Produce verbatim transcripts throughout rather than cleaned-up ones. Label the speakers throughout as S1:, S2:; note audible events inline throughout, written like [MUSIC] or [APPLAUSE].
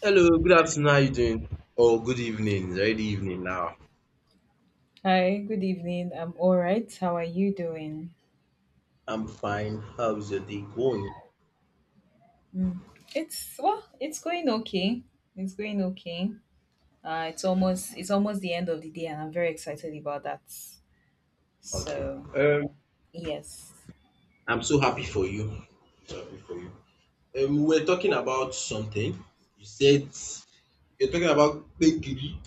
S1: Hello, good afternoon. How you doing? Oh, good evening. It's already evening now.
S2: Hi, good evening. I'm all right. How are you doing?
S1: I'm fine. How's your day going?
S2: Mm. It's well, it's going okay. It's going okay. Uh, it's almost it's almost the end of the day, and I'm very excited about that.
S1: Okay.
S2: So yes,
S1: I'm so happy for you. So happy for you. Um, we were talking about something. You said you're talking about bakery.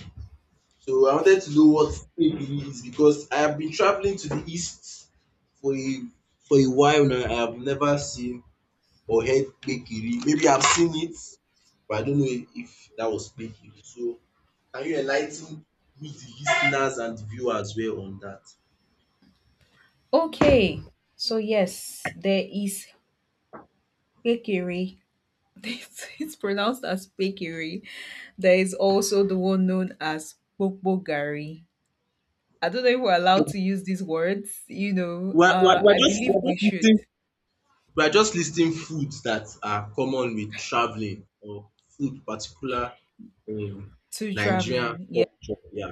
S1: So I wanted to know what bakery is because I have been traveling to the east for a for a while now. I have never seen or heard bakery. Maybe I've seen it, but I don't know if that was bakery. So can you enlighten me, the listeners and the viewers well on that?
S2: okay. So yes, there is bakery. [LAUGHS] It's, it's pronounced as bakery. There is also the one known as Bokbogari. I don't know if we're allowed to use these words. You know,
S1: We're, we're,
S2: uh,
S1: we're
S2: I
S1: just
S2: believe
S1: we're
S2: we
S1: just
S2: should
S1: listing. We are just listing foods that are common with traveling or food particular in
S2: to
S1: Nigerian
S2: traveling.
S1: culture. Yeah.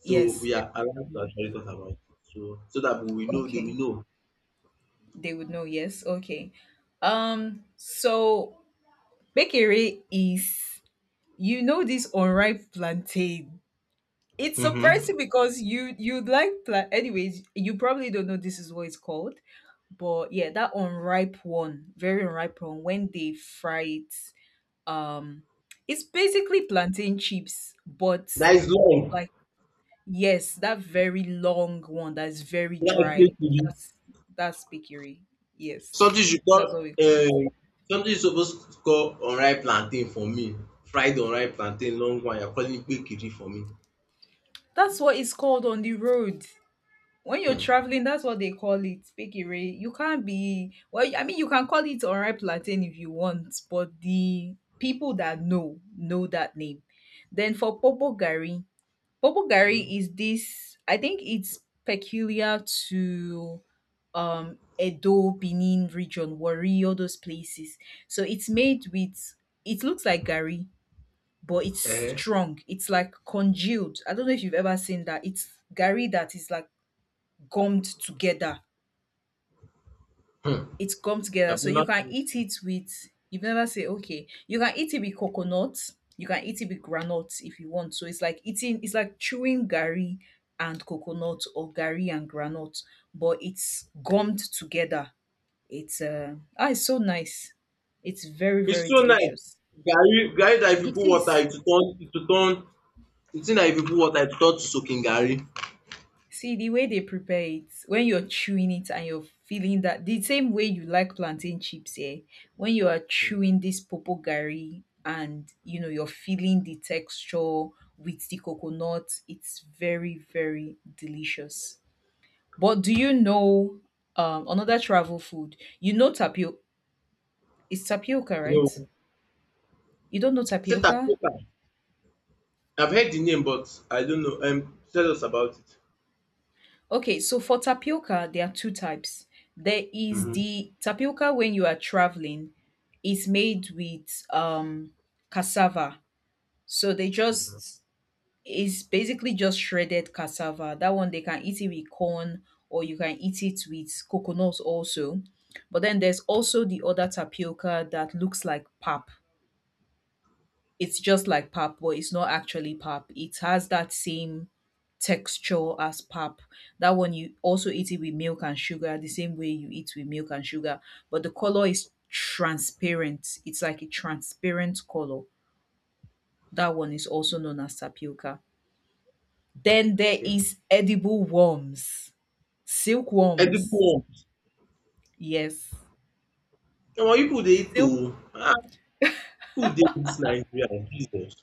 S1: So
S2: Yes,
S1: we are allowed to
S2: exactly.
S1: actually talk about it. So so that we will know they will
S2: Okay.
S1: know.
S2: They would know. Yes. Okay. Um, so bakery is you know this unripe plantain. It's
S1: Mm-hmm.
S2: surprising because you you like plant anyways, you probably don't know this is what it's called. But yeah, that unripe one, very unripe one, when they fry it, um it's basically plantain chips, but
S1: That is long.
S2: like. Yes, that very long one that is very
S1: That is I
S2: dry.
S1: to you.
S2: That's that's pikiri. Yes,
S1: Something you call
S2: that's what we call it.
S1: um something you suppose to call unripe plantain for me. Fried unripe plantain long one you are calling it gbegiri for me.
S2: That's what it's called on the road. When you're
S1: Hmm.
S2: traveling, that's what they call it, pikiri. You can't be well. I mean, you can call it alright plantain if you want, but the people that know know that name. Then for popo gari, popo
S1: Mm.
S2: gari is this. I think it's peculiar to um Edo, Benin region, Warri, all those places. So it's made with it looks like gari, but it's
S1: Eh.
S2: strong. It's like congealed. I don't know if you've ever seen that. It's gari that is like gummed together.
S1: Hmm.
S2: It's gummed together.
S1: I've
S2: So you can eat it with you've never say okay. You can eat it with coconut, you can eat it with granite if you want. So it's like eating it's like chewing gari and coconut or gari and granite, but it's gummed together. It's uh ah, it's so nice. It's very,
S1: it's
S2: very
S1: so nice.
S2: delicious.
S1: Gary, Gary, that if you
S2: It
S1: put water,
S2: is.
S1: it will turn, it will turn. The thing that if you put water, it will turn to soaking Gary.
S2: See the way they prepare it, when you're chewing it and you're feeling that the same way you like plantain chips, yeah. When you are chewing this popo gari and you know you're feeling the texture with the coconut, it's very, very delicious. But do you know um another travel food? You know tapio it's tapioca, right?
S1: No.
S2: You don't know tapioca?
S1: Setapoka. I've heard the name, but I don't know. Um, tell us about it.
S2: Okay, so for tapioca, there are two types. There is
S1: Mhm.
S2: the tapioca when you are traveling, it's made with um cassava. So they just it's basically just shredded cassava. That one they can eat it with corn or you can eat it with coconut also. But then there's also the other tapioca that looks like pap it's just like pap, but it's not actually pap. It has that same texture as pap. That one you also eat it with milk and sugar, the same way you eat with milk and sugar, but the color is transparent. It's like a transparent color. That one is also known as tapioca. Then there
S1: Okay.
S2: is edible worms,
S1: Edible
S2: silkworms.
S1: worms.
S2: Yes.
S1: Omo, you people dey eat oo. Ah, food dey dis Nigeria, Jesus.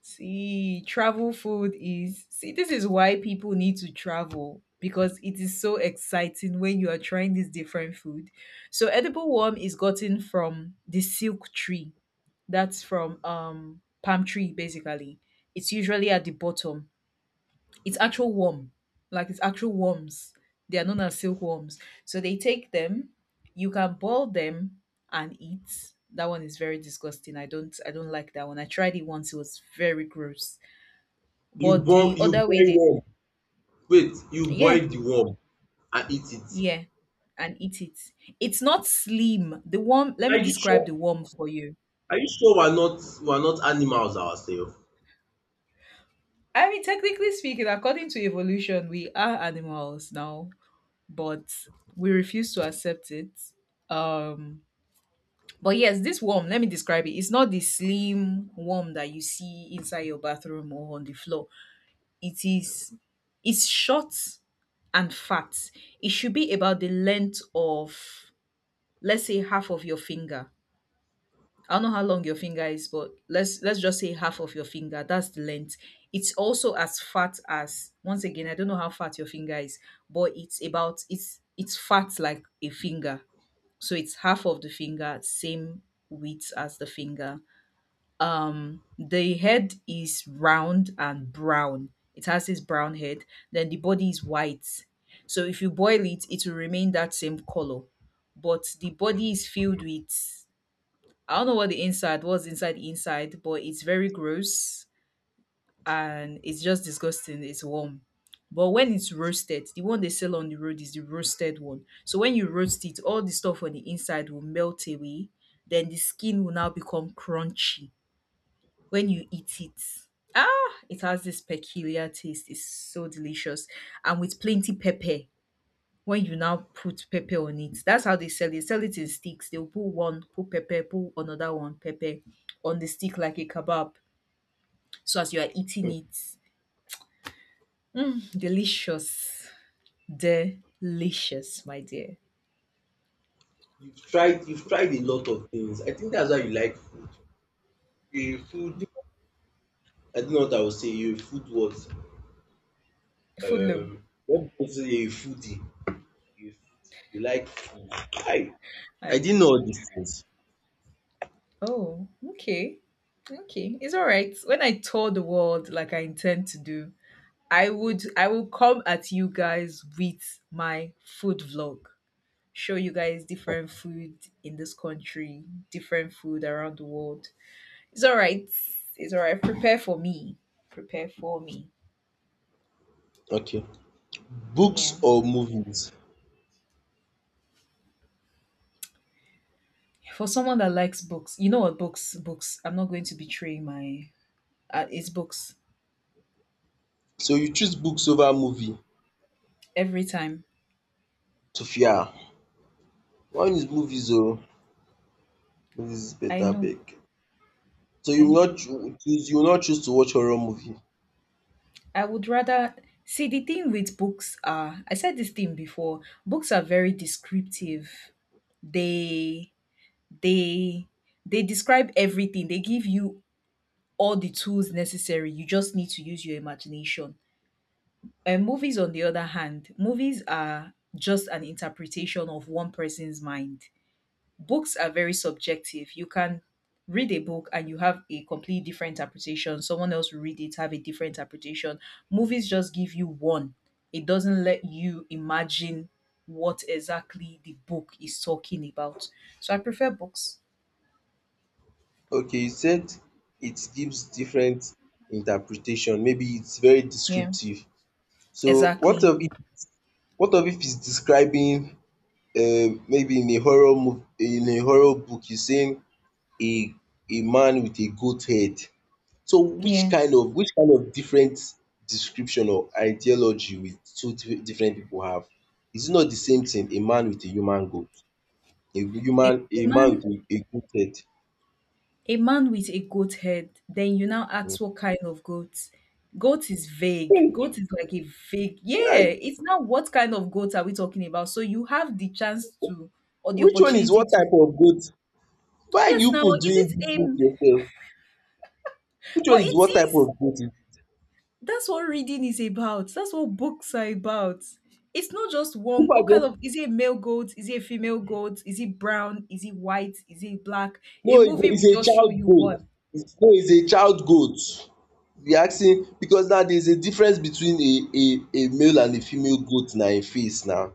S2: See, travel food is. See, this is why people need to travel because it is so exciting when you are trying this different food. So, edible worm is gotten from the silk tree. That's from um palm tree basically. It's usually at the bottom. It's actual worm, like it's actual worms. They are known as silkworms. So they take them. You can boil them and eat. That one is very disgusting. I don't. I don't like that one. I tried it once. It was very gross,
S1: You
S2: but
S1: boil
S2: the
S1: you
S2: other way
S1: boil
S2: they.
S1: worm. Wait, you
S2: Yeah.
S1: boil the worm and eat it.
S2: Yeah, and eat it. It's not slim the worm, let
S1: Are
S2: me
S1: you
S2: describe
S1: sure?
S2: the worm for you.
S1: Are you sure we are not we are not animals ourselves?
S2: I mean technically speaking, according to evolution, we are animals now, but we refuse to accept it. um but yes, this worm, let me describe it. It's not the slim worm that you see inside your bathroom or on the floor. It is, it's short and fat. It should be about the length of, let's say, half of your finger. I don't know how long your finger is, but let's let's just say half of your finger. That's the length. It's also as fat as, once again, I don't know how fat your finger is, but it's about it's it's fat like a finger. So it's half of the finger, same width as the finger. Um the head is round and brown. It has this brown head. Then the body is white. So if you boil it, it will remain that same color. But the body is filled with, I don't know what the inside, what's inside the inside, but it's very gross and it's just disgusting. It's warm. But when it's roasted, the one they sell on the road is the roasted one. So when you roast it, all the stuff on the inside will melt away. Then the skin will now become crunchy when you eat it. Ah, it has this peculiar taste. It's so delicious. And with plenty pepper, when you now put pepper on it. That's how they sell it. Sell it in sticks. They'll put one, put pepper, put another one, pepper on the stick like a kebab. So as you are eating
S1: You've
S2: it, mm, delicious. Delicious, my dear.
S1: tried you've tried a lot of things. I think that's why you like food. A food, I don't know what I would say, you a food what?
S2: Foodlum.
S1: Um what people say you're a foodie. You a foodie. You like food. I
S2: I,
S1: I didn't know all these things.
S2: oh, okay. Okay. It's all right. When I tour the world like I intend to do, I would I will come at you guys with my food vlog. Show you guys different food in this country, different food around the world. It's all right. It's all right. Prepare for me. Prepare for me.
S1: Okay.
S2: Yeah.
S1: Books or movies?
S2: For someone that likes books, you know what books? Books. I'm not going to betray my. Uh, it's books
S1: So you choose books over movie.
S2: every time.
S1: Sophia, mine is movies oh. Movies is
S2: I
S1: better
S2: know.
S1: Big. So you
S2: I
S1: will
S2: know.
S1: not choo choose, you will not choose to watch horror movie?
S2: I would rather see the thing with books are. I said this thing before. Books are very descriptive. They they they describe everything. They give you all the tools necessary. You just need to use your imagination. And movies, on the other hand, movies are just an interpretation of one person's mind. Books are very subjective. You can read a book and you have a completely different interpretation. Someone else will read it, have a different interpretation. Movies just give you one. It doesn't let you imagine what exactly the book is talking about. So I prefer books.
S1: Okay, you said it gives different interpretation, maybe it's very
S2: Yeah,
S1: descriptive. So what
S2: exactly.
S1: of if what of if it's describing um maybe in a horror mov in a horror book it's saying a a man with a goat head. So which
S2: Yeah.
S1: kind of which kind of different description or ideology will two di different people have? Is it not the same thing, a man with a human goat, a
S2: A
S1: human a man with
S2: man
S1: a a goat head?
S2: A man with a goat head. Then you now ask what kind of goat. Goat is vague.
S1: um
S2: Goat is like a vague. Yeah,
S1: right.
S2: it's not, what kind of goat are we talking about? So you have the chance to or the
S1: Which one is
S2: opportunity
S1: what
S2: to.
S1: type of goat? Why
S2: Yes
S1: you
S2: now,
S1: people
S2: is
S1: doing
S2: it
S1: dis
S2: a,
S1: thing to yourself? Which one
S2: but it
S1: is what type
S2: is,
S1: of goat is
S2: that's what reading is about. That's what books are about. It's not just one,
S1: people are
S2: what kind
S1: just
S2: of, is it a male goat? Is it a female goat? Is it brown? Is it white? Is it black? A
S1: no
S2: movie
S1: it's
S2: will
S1: a it's a
S2: just show
S1: child
S2: you
S1: goat.
S2: one.
S1: It's no it's a child goat. You asking because now there is a difference between a a a male and a female goat na im face now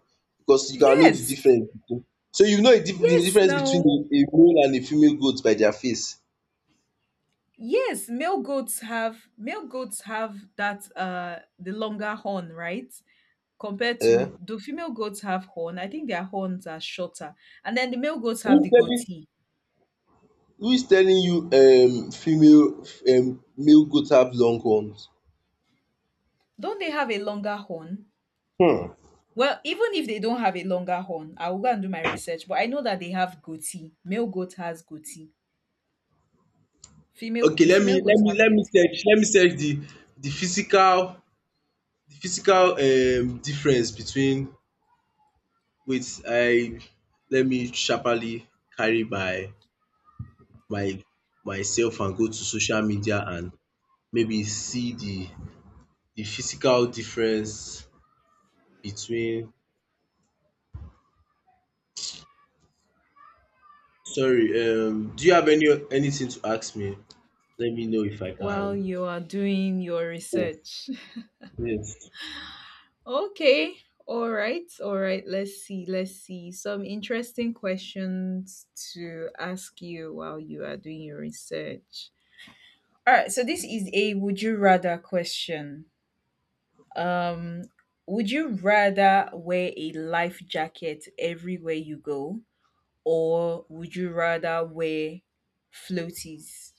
S1: because you can know the
S2: Yes.
S1: difference between. So you know a dif the
S2: Yes
S1: difference between
S2: now.
S1: a a male and a female goat by their face.
S2: Yes, male goats have male goats have that uh the longer horn, right? Compared to,
S1: um.
S2: do female goats have horn? I think their horns are shorter. And then the male goats have
S1: Who is
S2: the
S1: telling
S2: goatee.
S1: who is telling you um female um male goat have long horns?
S2: Don't they have a longer horn?
S1: um
S2: Well, even if they don't have a longer horn, I will go and do my research, but I know that they have goatee. Male goat has goatee. Female,
S1: Okay,
S2: do
S1: let me
S2: female
S1: let
S2: goats
S1: me
S2: have
S1: let me
S2: goatee?
S1: search, let me search the the physical the physical um difference between. Wait, I, let me sharparly carry my my myself and go to social media and maybe see the the physical difference between. Sorry, um do you have any anything to ask me? Let me know if I
S2: Well,
S1: can.
S2: you are doing your
S1: Oh,
S2: research.
S1: yes.
S2: Okay. All right. All right. Let's see. Let's see. Some interesting questions to ask you while you are doing your research. All right. So this is a would you rather question. Um would you rather wear a life jacket everywhere you go or would you rather wear floaties?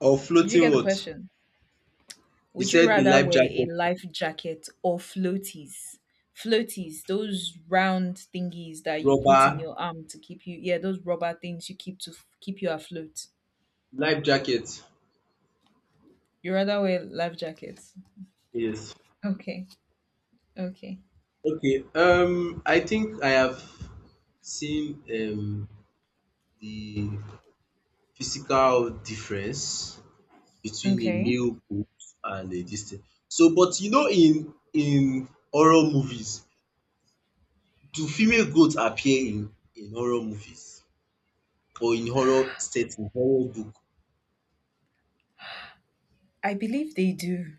S1: Or
S2: Did you
S1: floating
S2: get the
S1: what?
S2: question?
S1: You
S2: Would you
S1: said a
S2: rather
S1: life
S2: wear a
S1: jacket,
S2: life jacket or floaties? Floaties, those round thingies that you put in
S1: rubber
S2: your arm to keep you, yeah, those rubber things you keep to f- keep you afloat.
S1: life jacket.
S2: You rather wear life jackets?
S1: Yes.
S2: Okay, okay,
S1: Okay. Um, I think I have seen um the physical difference between a
S2: okay.
S1: male boobs and a this thing. So, but you know, in in horror movies, do female goats appear in in horror movies or in horror setting, horror book?
S2: I believe they do.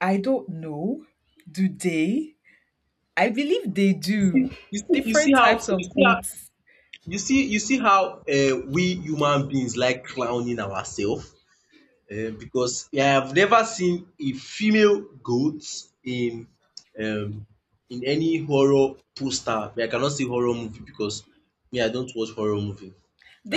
S2: I don't know. Do they? I believe they
S1: See,
S2: do.
S1: you see, you see
S2: Different
S1: how
S2: types
S1: you
S2: of
S1: see how
S2: goats.
S1: you see you see how uh, we human beings like clowning ourselves. Um because I have never seen a female goat in um in any horror poster, but I cannot see horror movie because me I don't watch horror movie.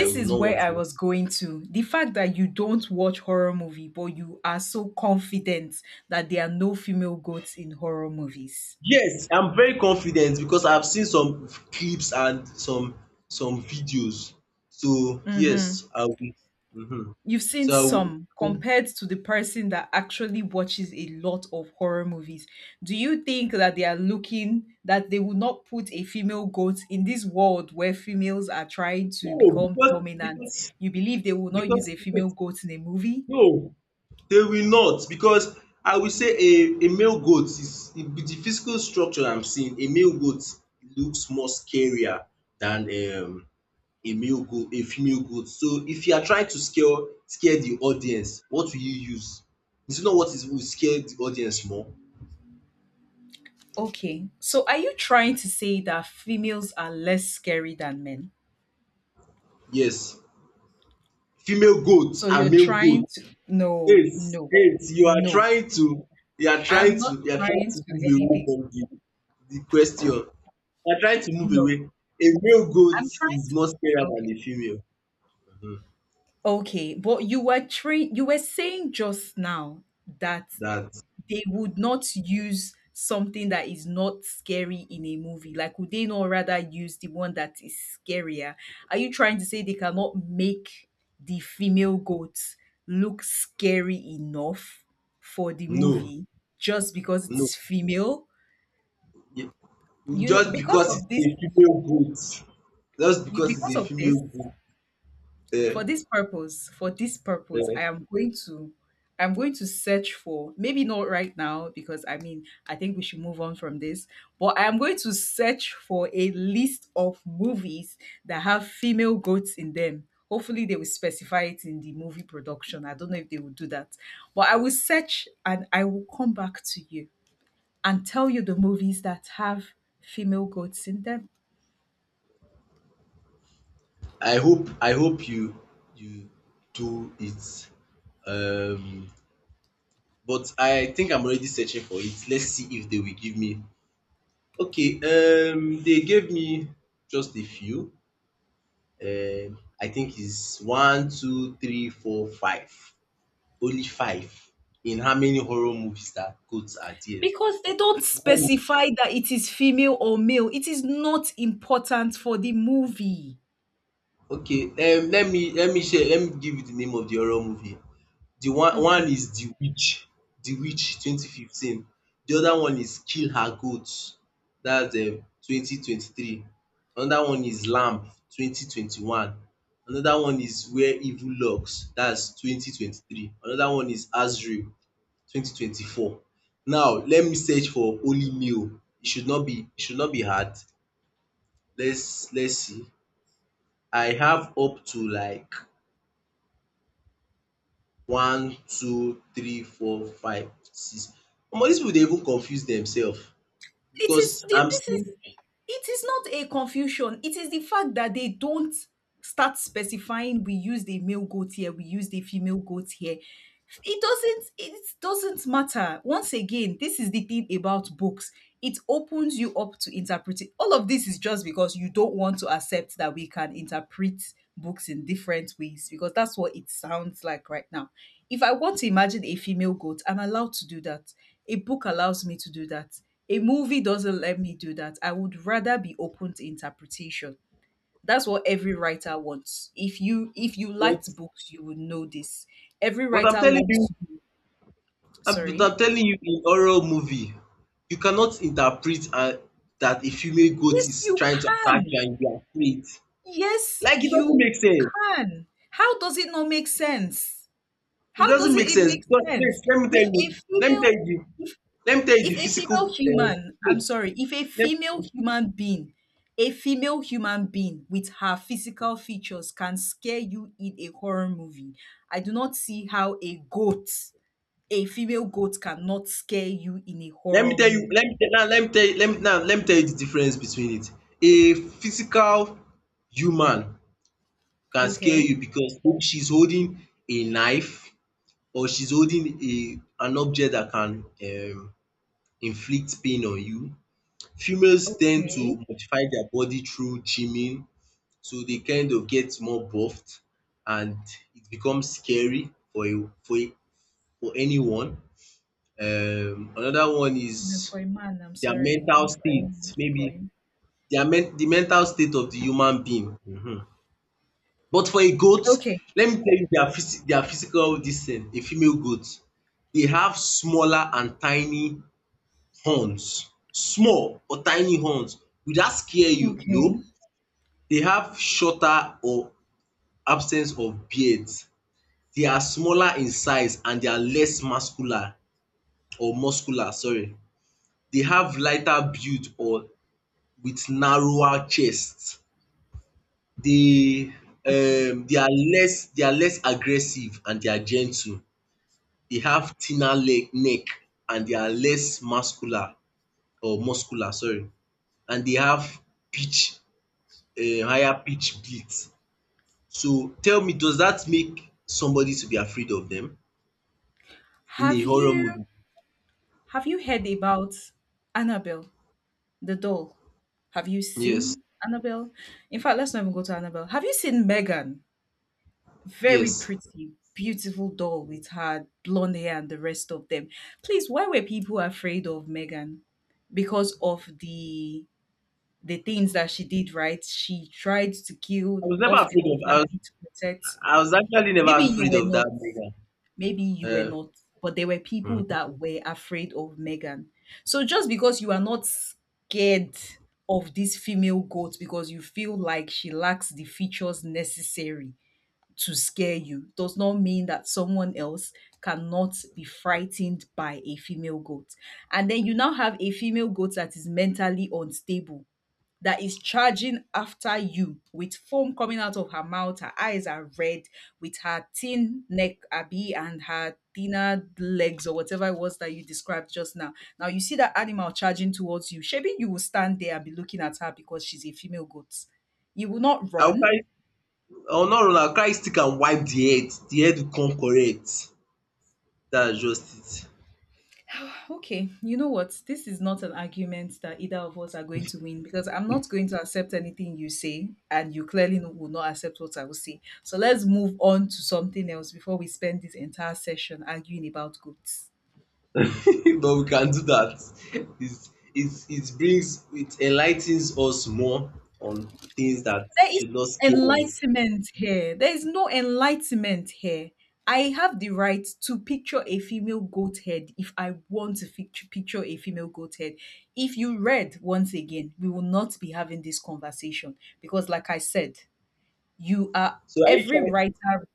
S1: I would
S2: is
S1: not want
S2: where
S1: to
S2: I
S1: watch.
S2: was going to. The fact that you don't watch horror movie, but you are so confident that there are no female goats in horror movies.
S1: Yes, I'm very confident because I've seen some clips and some some videos. So
S2: Hmm.
S1: yes, I will. Mhm.
S2: You've seen
S1: So I
S2: some
S1: will.
S2: compared to the person that actually watches a lot of horror movies. Do you think that they are looking that they will not put a female goat in this world where females are trying to
S1: No,
S2: become
S1: because
S2: dominant?
S1: because
S2: You believe they will not use
S1: because
S2: a female goat in a movie?
S1: no. They will not because I will say a a male goat is with the physical structure I'm seeing, a male goat looks more scarier than um a male goat a female goat. So if you are trying to scare, scare the audience, what will you use? Is it not what is will scare the audience more?
S2: Okay. So are you trying to say that females are less scary than men?
S1: Yes, female goat
S2: So
S1: and
S2: you're
S1: male
S2: trying
S1: goat.
S2: to, no,
S1: Yes,
S2: no,
S1: yes. You are
S2: no.
S1: trying to, you are trying
S2: I'm
S1: to,
S2: not
S1: you are trying
S2: trying
S1: to
S2: to
S1: move away
S2: anything.
S1: from the the question. They are trying to move
S2: No.
S1: away. A male goat
S2: I'm trying
S1: is more scarier
S2: to, okay.
S1: than a female. Mhm.
S2: Okay. But you were trained, you were saying just now that
S1: That
S2: they would not use something that is not scary in a movie? Like, would they not rather use the one that is scarier? Are you trying to say they cannot make the female goat look scary enough for the
S1: no,
S2: movie just because it
S1: no.
S2: is female?
S1: It-
S2: You
S1: just
S2: because
S1: because it's
S2: of
S1: a
S2: this,
S1: female goat, just
S2: you
S1: because it's
S2: because
S1: a
S2: of
S1: female
S2: this
S1: goat. Eh,
S2: for this purpose for this purpose
S1: eh,
S2: i am going to i'm going to search for, maybe not right now because I mean I think we should move on from this, but I am going to search for a list of movies that have female goats in them. Hopefully they will specify it in the movie production. I don't know if they will do that, but I will search and I will come back to you and tell you the movies that have female goats in them.
S1: I hope I hope you you do it. Um, but I think I'm already searching for it. Let's see if they will give me. Okay. Um, they gave me just a few. Um, I think it's one, two, three, four, five. Only five in how many horror movies that goats are there?
S2: Because they don't specify that it is female or male. It is not important for the movie.
S1: Okay, um let me let me share let me give you the name of the horror movie. The one one
S2: Okay.
S1: is The Witch, The Witch twenty fifteen. The other one is Kill Her Goats, that's um twenty twenty three. Another one is Lamb twenty twenty one. Another one is Where Evil Lurks, that's twenty twenty three. Another one is Azrael twenty twenty four. Now let me search for holy meal. It should not be, it should not be hard. Let's let's see. I have up to like one, two, three, four, five, six. Omo, these people dey even confuse themselves
S2: it
S1: because
S2: is thi-
S1: I'm
S2: this is
S1: seeing.
S2: it is not a confusion, it is the fact that they don't start specifying, we use the male goat here, we use the female goat here. It doesn't it doesn't matter. Once again, this is the thing about books: it opens you up to interpret it. All of this is just because you don't want to accept that we can interpret books in different ways, because that's what it sounds like right now. If I want to imagine a female goat, I'm allowed to do that. A book allows me to do that. A movie doesn't let me do that. I would rather be open to interpretation. That's what every writer wants. If you if you
S1: What,
S2: liked books, you would know this. Every
S1: but I'm
S2: writer
S1: telling you,
S2: wants you.
S1: I but
S2: Sorry.
S1: I'm telling you, in horror movie you cannot interpret and that a female goat
S2: Yes,
S1: is
S2: you
S1: trying to attack you
S2: can.
S1: and you are afraid.
S2: Yes,
S1: Like, it doesn't
S2: you
S1: make sense.
S2: can. How does it not make sense?
S1: It
S2: How does
S1: doesn't
S2: it,
S1: make
S2: it
S1: sense
S2: make
S1: because wait,
S2: sense?
S1: let me
S2: If
S1: tell
S2: a
S1: you, let me tell
S2: female
S1: you, let me tell you the
S2: If a
S1: physical
S2: female
S1: uh,
S2: human, I'm
S1: wait,
S2: sorry, if a
S1: let,
S2: female human being, a female human being with her physical features can scare you in a horror movie. I do not see how a goat, a female goat, cannot scare you in a
S1: let me
S2: horror
S1: tell you, let
S2: movie.
S1: me tell now, let me tell you, let me now, let me tell you the difference between it. A physical human can scare
S2: Okay.
S1: you because she's holding a knife or she's holding a an object that can um, inflict pain on you. Females tend
S2: Okay.
S1: to modify their body through gymming, so they kind of get more buffed and it becomes scary for a for a for anyone. Um, another one
S2: And then
S1: is
S2: for a man, I'm
S1: their
S2: sorry,
S1: mental
S2: not for a man.
S1: state,
S2: Keep
S1: maybe
S2: going.
S1: their men the mental state of the human being. Mhm. But for a goat,
S2: Okay.
S1: let me tell you their phys their physical this thing, a female goat, they have smaller and tiny horns. Small or tiny horns. Will that scare you?
S2: Okay.
S1: No. They have shorter or absence of beards. They are smaller in size and they are less muscular or muscular, sorry. They have lighter build or with narrower chests. They
S2: Okay.
S1: um they are less, they are less aggressive and they are gentle. They have thinner leg neck and they are less muscular or muscular, sorry. And they have pitch um higher pitch beat. So tell me, does that make somebody to be afraid of them in a
S2: Have
S1: horror
S2: you
S1: movie?
S2: have you heard about Annabelle, the doll? Have you
S1: Yes,
S2: seen Annabelle? In fact, let's not even go to Annabelle. Have you seen Megan? Very
S1: yes.
S2: pretty, beautiful doll with her blonde hair and the rest of them. Please, why were people afraid of Megan? Because of the the things that she did, right? She tried to
S1: I
S2: kill
S1: was never
S2: off the
S1: afraid
S2: whole
S1: of. I was,
S2: family to protect.
S1: I was actually never
S2: Maybe you
S1: afraid
S2: were
S1: of that
S2: not
S1: nigga.
S2: maybe you were
S1: Uh,
S2: not, but there were people
S1: Mhm.
S2: that were afraid of Megan. So just because you are not scared of this female goat because you feel like she lacks the features necessary to scare you does not mean that someone else cannot be frightened by a female goat. And then you now have a female goat that is mentally unstable, that is charging after you with foam coming out of her mouth. Her eyes are red, with her thin neck, Abby, and her thinner legs, or whatever it was that you described just now. Now you see that animal charging towards you. Shebi, you will stand there and be looking at her because she's a female goat. You will not
S1: I'll
S2: run.
S1: carry. I'll not run. I'll carry stick and wipe the head. The head will come correct. That's just
S2: Okay, you know what? This is not an argument that either of us are going to win, because I'm not going to accept anything you say, and you clearly no- will not accept what I will say. So let's move on to something else before we spend this entire session arguing about goats.
S1: it. [LAUGHS] But we can do that. It's, it's, it brings, it enlightens us more on things that
S2: There is
S1: should not
S2: no
S1: scare us.
S2: enlightenment here. There is no enlightenment here. I have the right to picture a female goat head if I want to fic- picture a female goat head. If you read, once again, we will not be having this conversation because, like I said, you are
S1: So are you
S2: every
S1: trying?
S2: writer,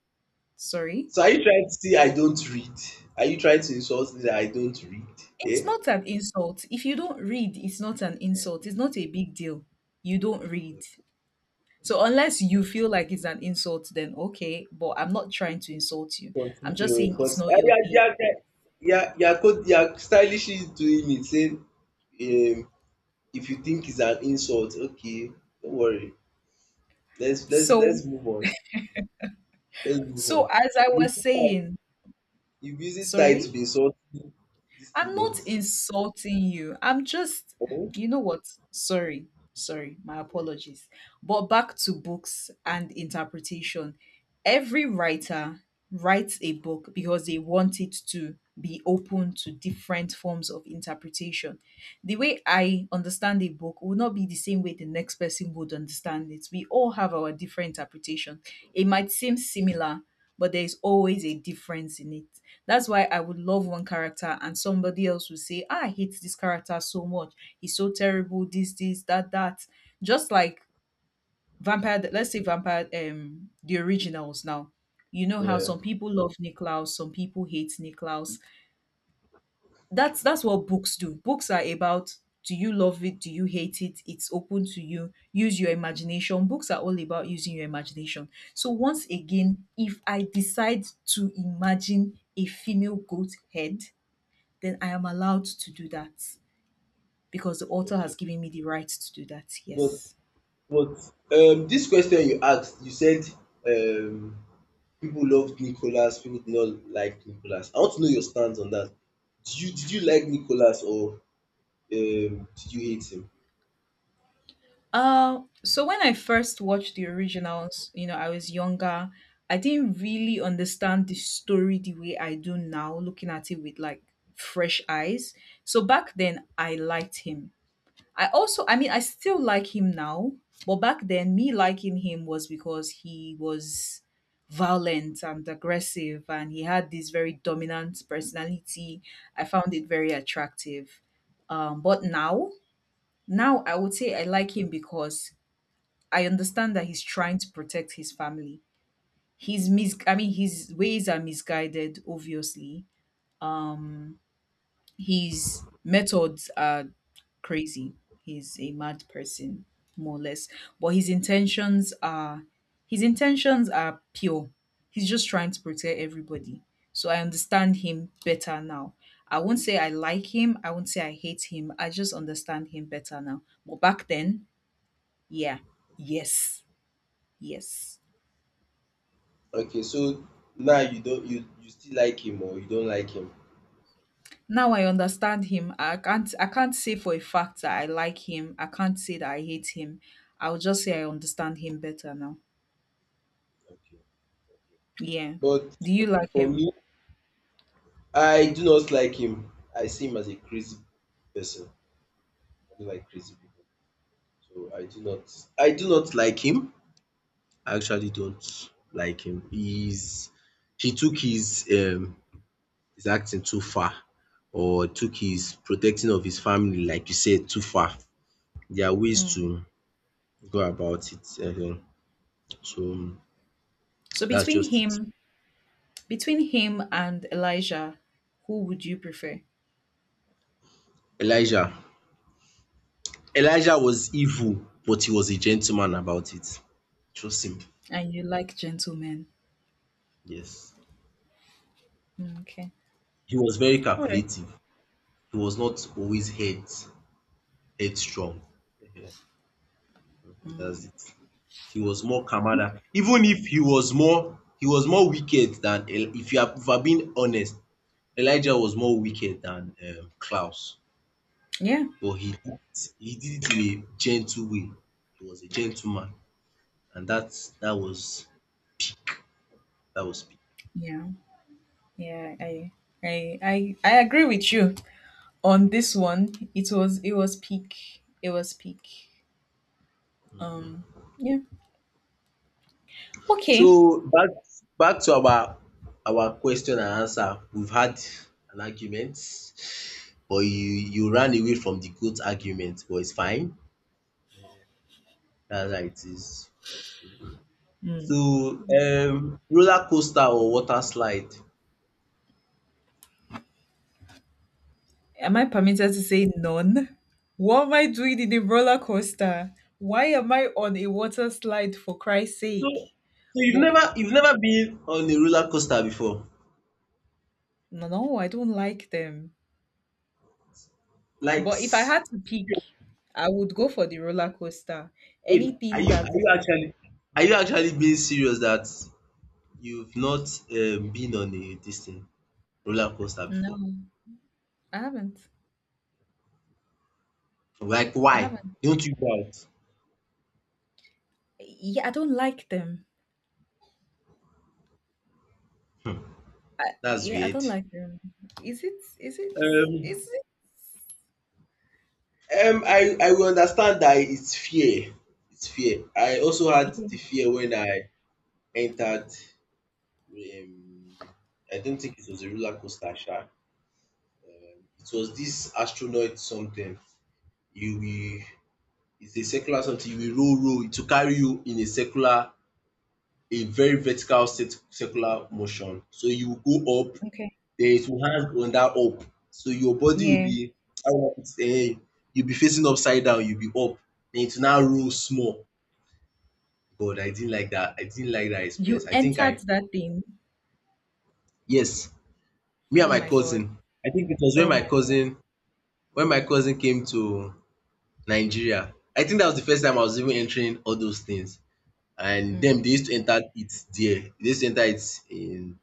S2: sorry?
S1: So are you trying to say I don't read? Are you trying to insult me that I don't read?
S2: It's
S1: Yeah.
S2: not an insult. If you don't read, it's not an insult. It's not a big deal. You don't read. So unless you feel like it's an insult, then okay, but I'm not trying to insult you. I'm just
S1: Continue
S2: saying
S1: but
S2: it's not
S1: uh,
S2: your
S1: yeah
S2: thing.
S1: yeah yeah, yeah yeah co- yeah, stylishly doing it say um if you think it's an insult, okay, don't worry, let's let's
S2: So
S1: let's move on, let's move
S2: so
S1: on.
S2: as I
S1: You use
S2: was
S1: style,
S2: saying,
S1: you using style to dey
S2: sorry?
S1: insult this thing
S2: I'm
S1: but.
S2: not insulting you. I'm just,
S1: Oh,
S2: you know what? Sorry, sorry, my apologies. But back to books and interpretation. Every writer writes a book because they want it to be open to different forms of interpretation. The way I understand a book will not be the same way the next person would understand it. We all have our different interpretation. It might seem similar, but there is always a difference in it. That's why I would love one character and somebody else will say, ah, I hate this character so much. He's so terrible, this, this, that, that. Just like Vampire, let's say Vampire, um, the originals now. You know how
S1: yeah,
S2: some people love Nick Laus, some people hate Nick Laus. That's that's what books do. Books are about, do you love it, do you hate it? It's open to you. Use your imagination. Books are all about using your imagination. So once again, if I decide to imagine a female goat head, then I am allowed to do that, because the author
S1: okay
S2: has given me the right to do that.
S1: but
S2: Yes.
S1: but um this question you asked. You said um people loved Nicholas, people did not like Nicholas. I want to know your stance on that. Do you, did you like Nicholas or um did you hate him?
S2: Uh, so when I first watched the originals, you know, I was younger. I didn't really understand the story the way I do now, looking at it with like fresh eyes. So back then, I liked him. I also, I mean, I still like him now, but back then, me liking him was because he was violent and aggressive and he had this very dominant personality. I found it very attractive. Um, but now, now I would say I like him because I understand that he's trying to protect his family. His mis I mean, his ways are misguided, obviously. His methods are crazy. He's a mad person, more or less. But his intentions are his intentions are pure. He's just trying to protect everybody. So I understand him better now. I won't say I like him. I won't say I hate him. I just understand him better now. But back then, yeah, yes, yes.
S1: Okay, so now you don't you you still like him or you don't like him?
S2: Now I understand him. I can't i can't say for a fact that I like him. I can't say that I hate him. I'll just say I understand him better now.
S1: Okay.
S2: Yeah.
S1: But
S2: Do you like
S1: for
S2: him?
S1: me, I do not like him. I see him as a crazy person. I don't like crazy people. So I do not I do not like him. I actually don't like him. He's he took his um his acting too far or took his protecting of his family like you said too far. There are ways
S2: Hmm.
S1: to go about it um so
S2: So
S1: that's
S2: between
S1: just it.
S2: him between him and Elijah, who would you prefer?
S1: Elijah. Elijah was evil, but he was a gentleman about it. Trust him.
S2: And you like gentlemen.
S1: Yes.
S2: Hmm, okay.
S1: He was very
S2: All right.
S1: calculative. He was not always head headstrong. [LAUGHS] Ehen, that's it. He was more kamada. Even if he was more he was more wicked than El- if you are if I'm being honest, Elijah was more wicked than um, Klaus.
S2: Yeah,
S1: But he did it- he did it in a gentle way. He was a gentleman, and that's that was that was
S2: yeah, yeah, i I, I I agree with you on this one. It was, it was peak. It was peak. Um yeah. Okay.
S1: so back back to our our question and answer. We've had an argument, but you you ran away from the goat argument, but it's fine. That's how it is.
S2: Mm.
S1: So um roller coaster or water slide. So
S2: Am I permitted to say none? What am I doing in a roller coaster? Why am I on a water slide, for Christ's sake?
S1: you've
S2: What?
S1: never you've never been on a roller coaster before.
S2: No, no, I don't like them.
S1: Like
S2: But if I
S1: s-
S2: had to pick, I would go for the roller coaster.
S1: Wait, are
S2: Anything
S1: you
S2: that.
S1: are you actually are you actually being serious that you've not um, been on a this thing roller coaster
S2: No,
S1: before?
S2: I haven't.
S1: Like
S2: I
S1: why?
S2: haven't.
S1: Don't you guys?
S2: Yeah, I don't like them. I,
S1: That's
S2: yeah, I
S1: weird.
S2: don't like them. Is it? Is it?
S1: Um,
S2: Is it?
S1: um, I, I will understand that it's fear. It's fear. I also had
S2: Yeah.
S1: the fear when I entered. Um, I don't think it was a roller coaster. Sha. It was this astronaut something. You will, it's a circular something. You will roll, roll to carry you in a circular, a very vertical cir- circular motion. So you will go up
S2: Okay.
S1: there is your hand on that up. So your body will
S2: Yeah.
S1: be how will I put it um you'll be facing upside down, you'll be up, then it will now roll small. God, I didn't like that. I didn't like that experience.
S2: You
S1: I think
S2: entered
S1: I
S2: that thing.
S1: yes, me and
S2: Oh
S1: my
S2: my God.
S1: cousin. I think it was when
S2: Oh
S1: my
S2: my God.
S1: cousin when my cousin came to Nigeria. I think that was the first time I was even entering all those things. And them they
S2: Mm.
S1: used to enter it there. They used to enter it in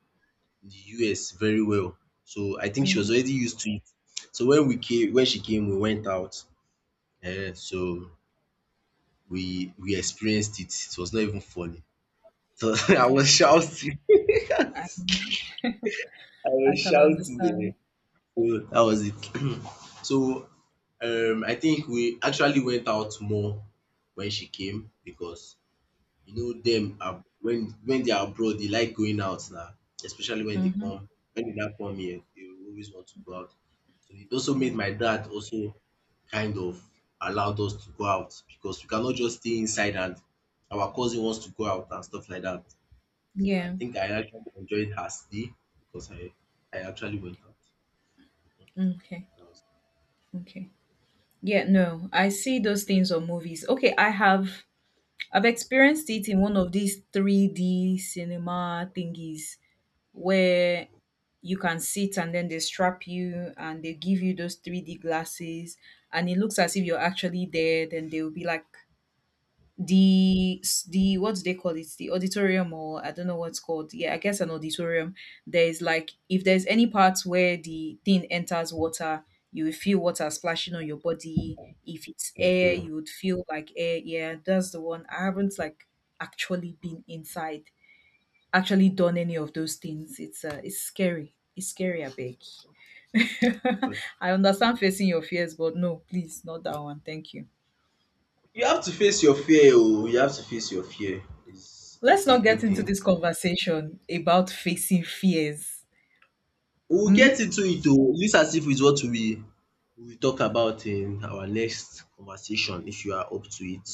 S1: the U S very well. So I think she was
S2: Mm-hmm.
S1: already used to it. So when we came when she came, we went out. Eh, so we we experienced it. It was not even funny. So [LAUGHS] I was
S2: Oh,
S1: shouting. [LAUGHS]
S2: I
S1: I
S2: I
S1: was
S2: can
S1: shouting. Eh.
S2: understand.
S1: So that was it. So um I think we actually went out more when she came because you know them ab when when they are abroad, they like going out now, especially when they
S2: Mm-hmm.
S1: come when they now come here, they always want to go out. So it also made my dad also kind of allowed us to go out because we cannot just stay inside and our cousin wants to go out and stuff like that. So I
S2: Yeah.
S1: think I actually enjoyed her stay because I I actually went out.
S2: Okay.
S1: That was
S2: Okay. Yeah. No, I see those things on movies. Okay, I have I've experienced it in one of these three D cinema thingies where you can sit and then they strap you and they give you those three D glasses and it looks as if you're actually there. Then they will be like the, the what do they call it, the auditorium? Or I don't know what's called. Yeah, I guess an auditorium. There's like, if there's any part where the thing enters water, you will feel water splashing on your body. If it's air,
S1: okay.
S2: you would feel like air. Yeah, that's the one I haven't, like, actually been inside, actually done any of those things. It's uh it's scary. It's scary, I beg. [LAUGHS]
S1: But
S2: I understand facing your fears, but no, please, not that one, thank you.
S1: you have to face your fear oh, you have to face your fear. Is
S2: Let's
S1: is a
S2: not get
S1: good
S2: into
S1: thing.
S2: this conversation about facing fears.
S1: We'll get
S2: Hmm?
S1: into it oo. This as if it's what we we talk about in our next conversation if you are up to it.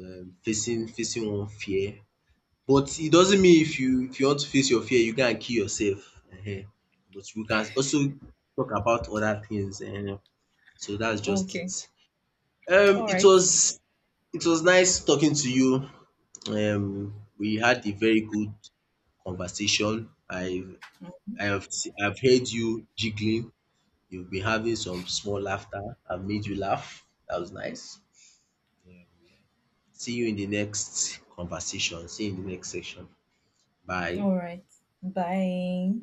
S1: Um facing facing one fear. But it doesn't mean if you if you want to face your fear you go and kill yourself um. But we can also talk about other things um. So that's just it.
S2: Okay.
S1: Um
S2: All
S1: it
S2: right.
S1: was it was nice talking to you. Um we had a very good conversation. I I've I've heard you jiggling. You've been having some small laughter that made you laugh. That was nice. Um, see you in the next conversation. See you in the next section. Bye.
S2: All right. Bye.